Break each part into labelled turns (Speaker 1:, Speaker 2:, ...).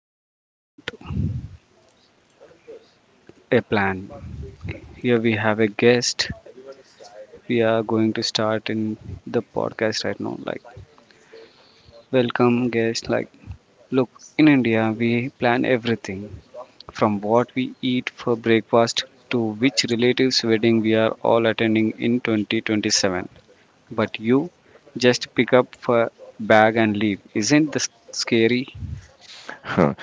Speaker 1: Travel Without a Plan. Here we have a guest. We are going to start in the podcast right now. Like, welcome guest. Like, look, in India we plan everything from what we eat for breakfast to which relative's wedding we are all attending in 2027. But you just pick up a bag and leave. Isn't this scary?
Speaker 2: Huh.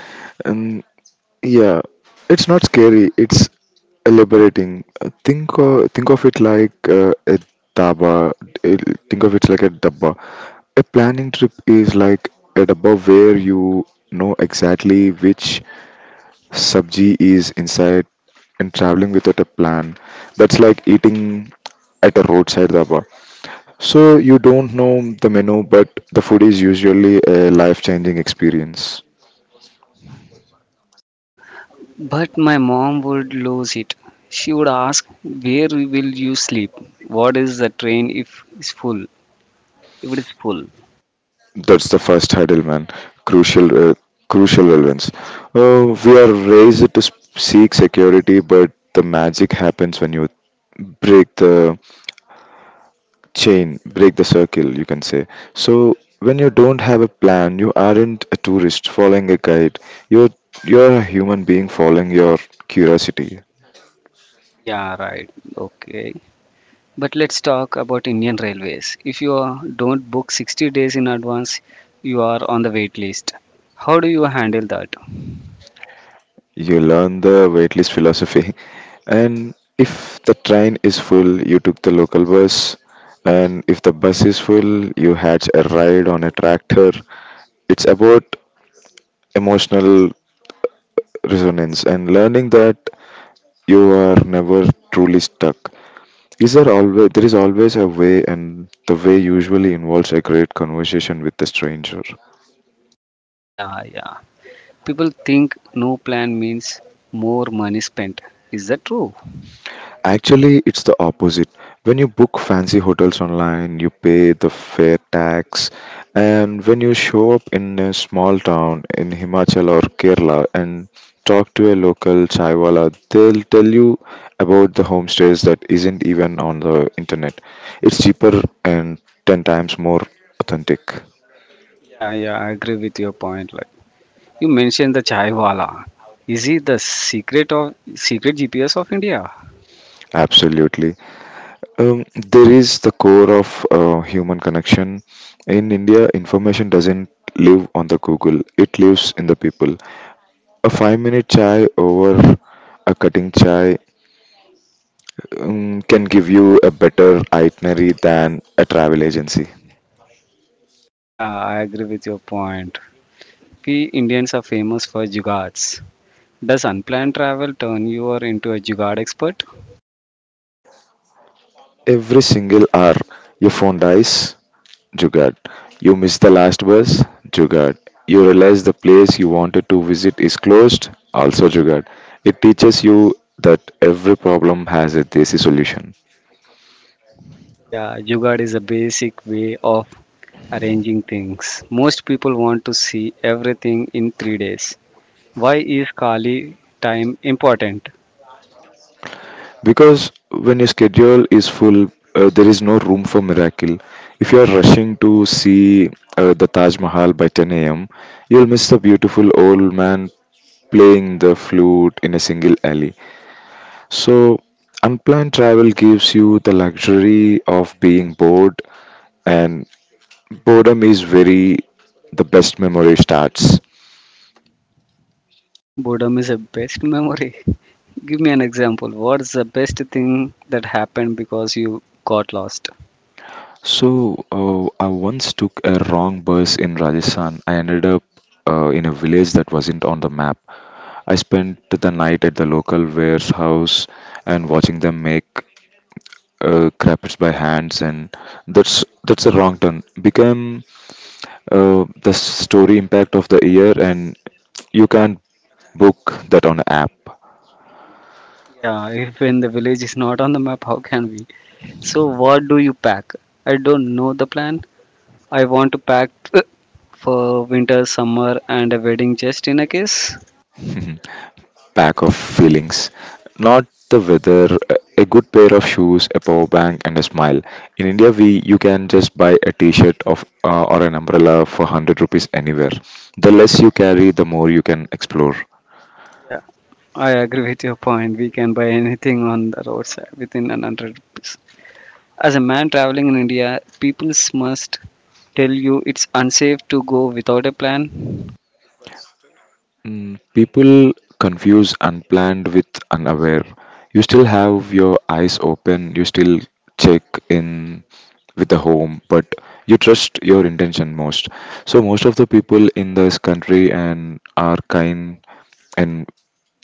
Speaker 2: And yeah, it's not scary. It's elaborating. Think of it like a daba. it- Think of it like a dabba. A planning trip is like a dabba where you know exactly which sabji is inside, and traveling without a plan. That's like eating at a roadside dabba. So you don't know the menu, but the food is usually a life-changing experience.
Speaker 1: But my mom would lose it. She would ask, where will you sleep? What is the train if it's full? If it is full.
Speaker 2: That's the first hurdle, man. Crucial, uh, crucial relevance. We are raised to seek security, but the magic happens when you break the chain, break the circle, you can say. So when you don't have a plan, you aren't a tourist following a guide. You're you're a human being following your curiosity.
Speaker 1: Yeah, right. Okay. But let's talk about Indian Railways. If don't book 60 days in advance, you are on the wait list. How do you handle that?
Speaker 2: You learn the waitlist philosophy. And if the train is full, you took the local bus. And if the bus is full, you had a ride on a tractor. It's about emotional resonance and learning that you are never truly stuck. Is there always there is always a way, and the way usually involves a great conversation with the stranger.
Speaker 1: Yeah, yeah. People think no plan means more money spent. Is that true?
Speaker 2: Actually, it's the opposite. When you book fancy hotels online, you pay the fare tax, and when you show up in a small town in Himachal or Kerala and talk to a local chaiwala, they'll tell you about the homestays that isn't even on the internet. It's cheaper and 10 times more authentic.
Speaker 1: Yeah, yeah, I agree with your point. Like, you mentioned the Chaiwala. Is it the secret of secret GPS of India?
Speaker 2: Absolutely. There is the core of human connection. In India, information doesn't live on the Google, it lives in the people. A 5 minute chai over a cutting chai can give you a better itinerary than a travel agency.
Speaker 1: Yeah, I agree with your point. We Indians are famous for jugads. Does unplanned travel turn you or into a jugad expert?
Speaker 2: Every single hour, your phone dies, Jugad. You miss the last bus, Jugad. You realize the place you wanted to visit is closed, also Jugad. It teaches you that every problem has a desi solution.
Speaker 1: Yeah, jugad is a basic way of arranging things. Most people want to see everything in 3 days. Why is Kali time important?
Speaker 2: Because when your schedule is full, there is no room for miracle. If you are rushing to see the Taj Mahal by 10 a.m., you'll miss the beautiful old man playing the flute in a single alley. So, unplanned travel gives you the luxury of being bored, and boredom is very the best memory starts.
Speaker 1: Boredom is a best memory. Give me an example. What's the best thing that happened because you got lost?
Speaker 2: So, I once took a wrong bus in Rajasthan. I ended up in a village that wasn't on the map. I spent the night at the local warehouse and watching them make crepes by hands, and that's a wrong turn. Became the story impact of the year, and you can't book that on app.
Speaker 1: Yeah, if in the village is not on the map, how can we? So what do you pack? I don't know the plan. I want to pack for winter, summer, and a wedding just in a case.
Speaker 2: Pack of feelings. Not the weather, a good pair of shoes, a power bank, and a smile. In India, we you can just buy a T-shirt of or an umbrella for 100 rupees anywhere. The less you carry, the more you can explore.
Speaker 1: Yeah, I agree with your point. We can buy anything on the roadside within an 100 rupees. As a man traveling in India, people must tell you it's unsafe to go without a plan.
Speaker 2: Mm, people confuse unplanned with unaware. You still have your eyes open, you still check in with the home, but you trust your intention most. So, most of the people in this country and are kind and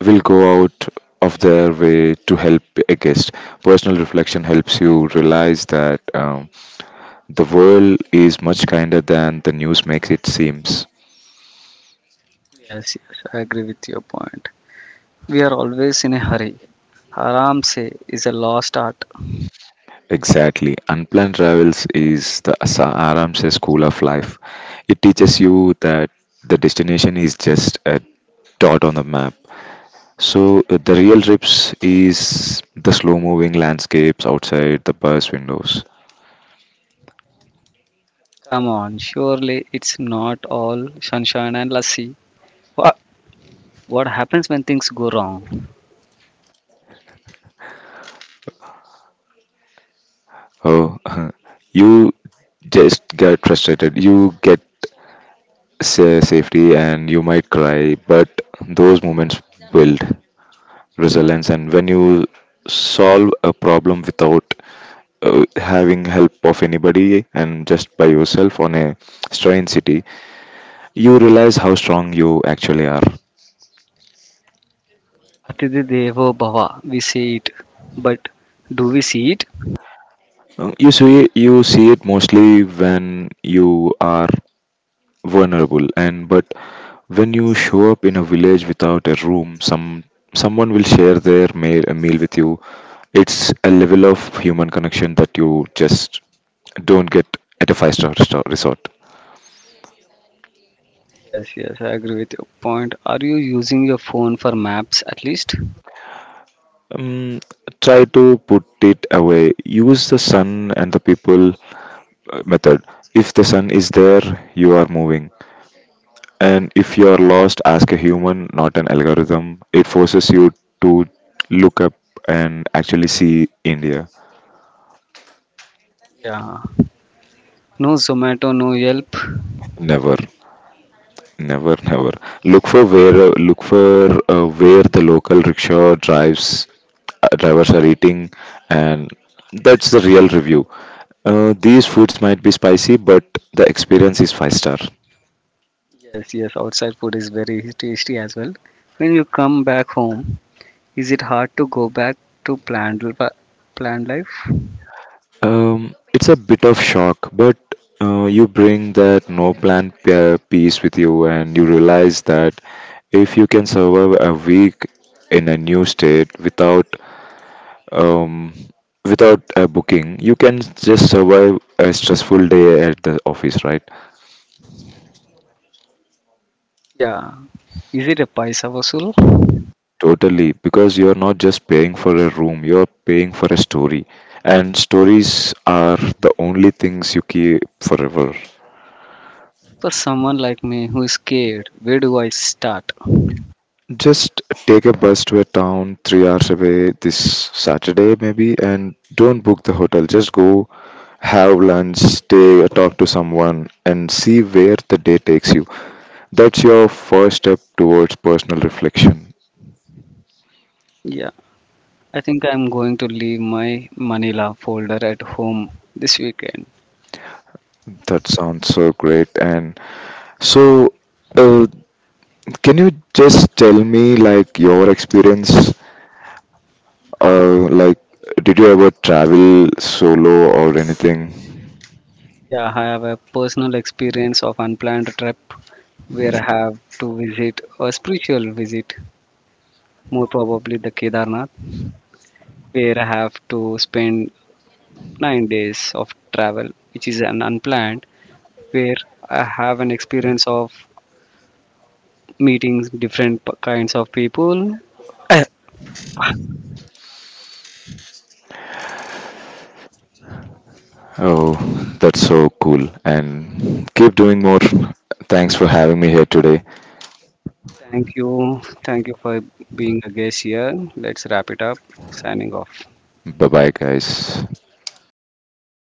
Speaker 2: will go out of their way to help a guest. Personal reflection helps you realize that the world is much kinder than the news makes it seems.
Speaker 1: Yes, yes, I agree with your point. We are always in a hurry. Haram se is a lost art.
Speaker 2: Exactly. Unplanned travels is the Aramse school of life. It teaches you that the destination is just a dot on the map. So the real trips is the slow moving landscapes outside the bus windows.
Speaker 1: Come on, surely it's not all sunshine and lassi. What, what happens when things go wrong?
Speaker 2: Oh, you just get frustrated. You get safety and you might cry, but those moments build resilience. And when you solve a problem without having help of anybody and just by yourself on a strange city, you realize how strong you actually are.
Speaker 1: Atidhi Devo Bhava, we say it. But do we see it?
Speaker 2: Uh, you see you see it mostly when you are vulnerable, and but when you show up in a village without a room, someone will share their meal, a meal with you. It's a level of human connection that you just don't get at a five-star resort.
Speaker 1: Yes, yes, I agree with your point. Are you using your phone for maps at least?
Speaker 2: Um, Try to put it away. Use the sun and the people method. If the sun is there, you are moving. And if you are lost, ask a human, not an algorithm. It forces you to look up and actually see India.
Speaker 1: Yeah. No Zomato, no Yelp.
Speaker 2: Never, never, never. Look for where the local rickshaw drives drivers are eating, and that's the real review. These foods might be spicy, but the experience is five star.
Speaker 1: Yes, yes, outside food is very tasty as well. When you come back home, is it hard to go back to planned life?
Speaker 2: It's a bit of shock, but you bring that no plan piece with you, and you realize that if you can survive a week in a new state without um, without a booking, you can just survive a stressful day at the office, right?
Speaker 1: Yeah. Is it a paisa vasool?
Speaker 2: Totally, because you're not just paying for a room, you're paying for a story. And stories are the only things you keep forever.
Speaker 1: For someone like me who is scared, where do I start?
Speaker 2: Just take a bus to a town 3 hours away this Saturday, maybe, and don't book the hotel. Just go have lunch, stay, talk to someone, and see where the day takes you. That's your first step towards personal reflection.
Speaker 1: Yeah, I think I'm going to leave my Manila folder at home this weekend.
Speaker 2: That sounds so great and so. Uh, Can you just tell me like your experience? Uh, like, did you ever travel solo or anything?
Speaker 1: Yeah, I have a personal experience of unplanned trip where I have to visit a spiritual visit, more probably the Kedarnath, where I have to spend 9 days of travel, which is an unplanned, where I have an experience of meeting different kinds of people.
Speaker 2: Oh, that's so cool. And keep doing more. Thanks for having me here today.
Speaker 1: Thank you. Thank you for being a guest here. Let's wrap it up. Signing off.
Speaker 2: Bye bye, guys.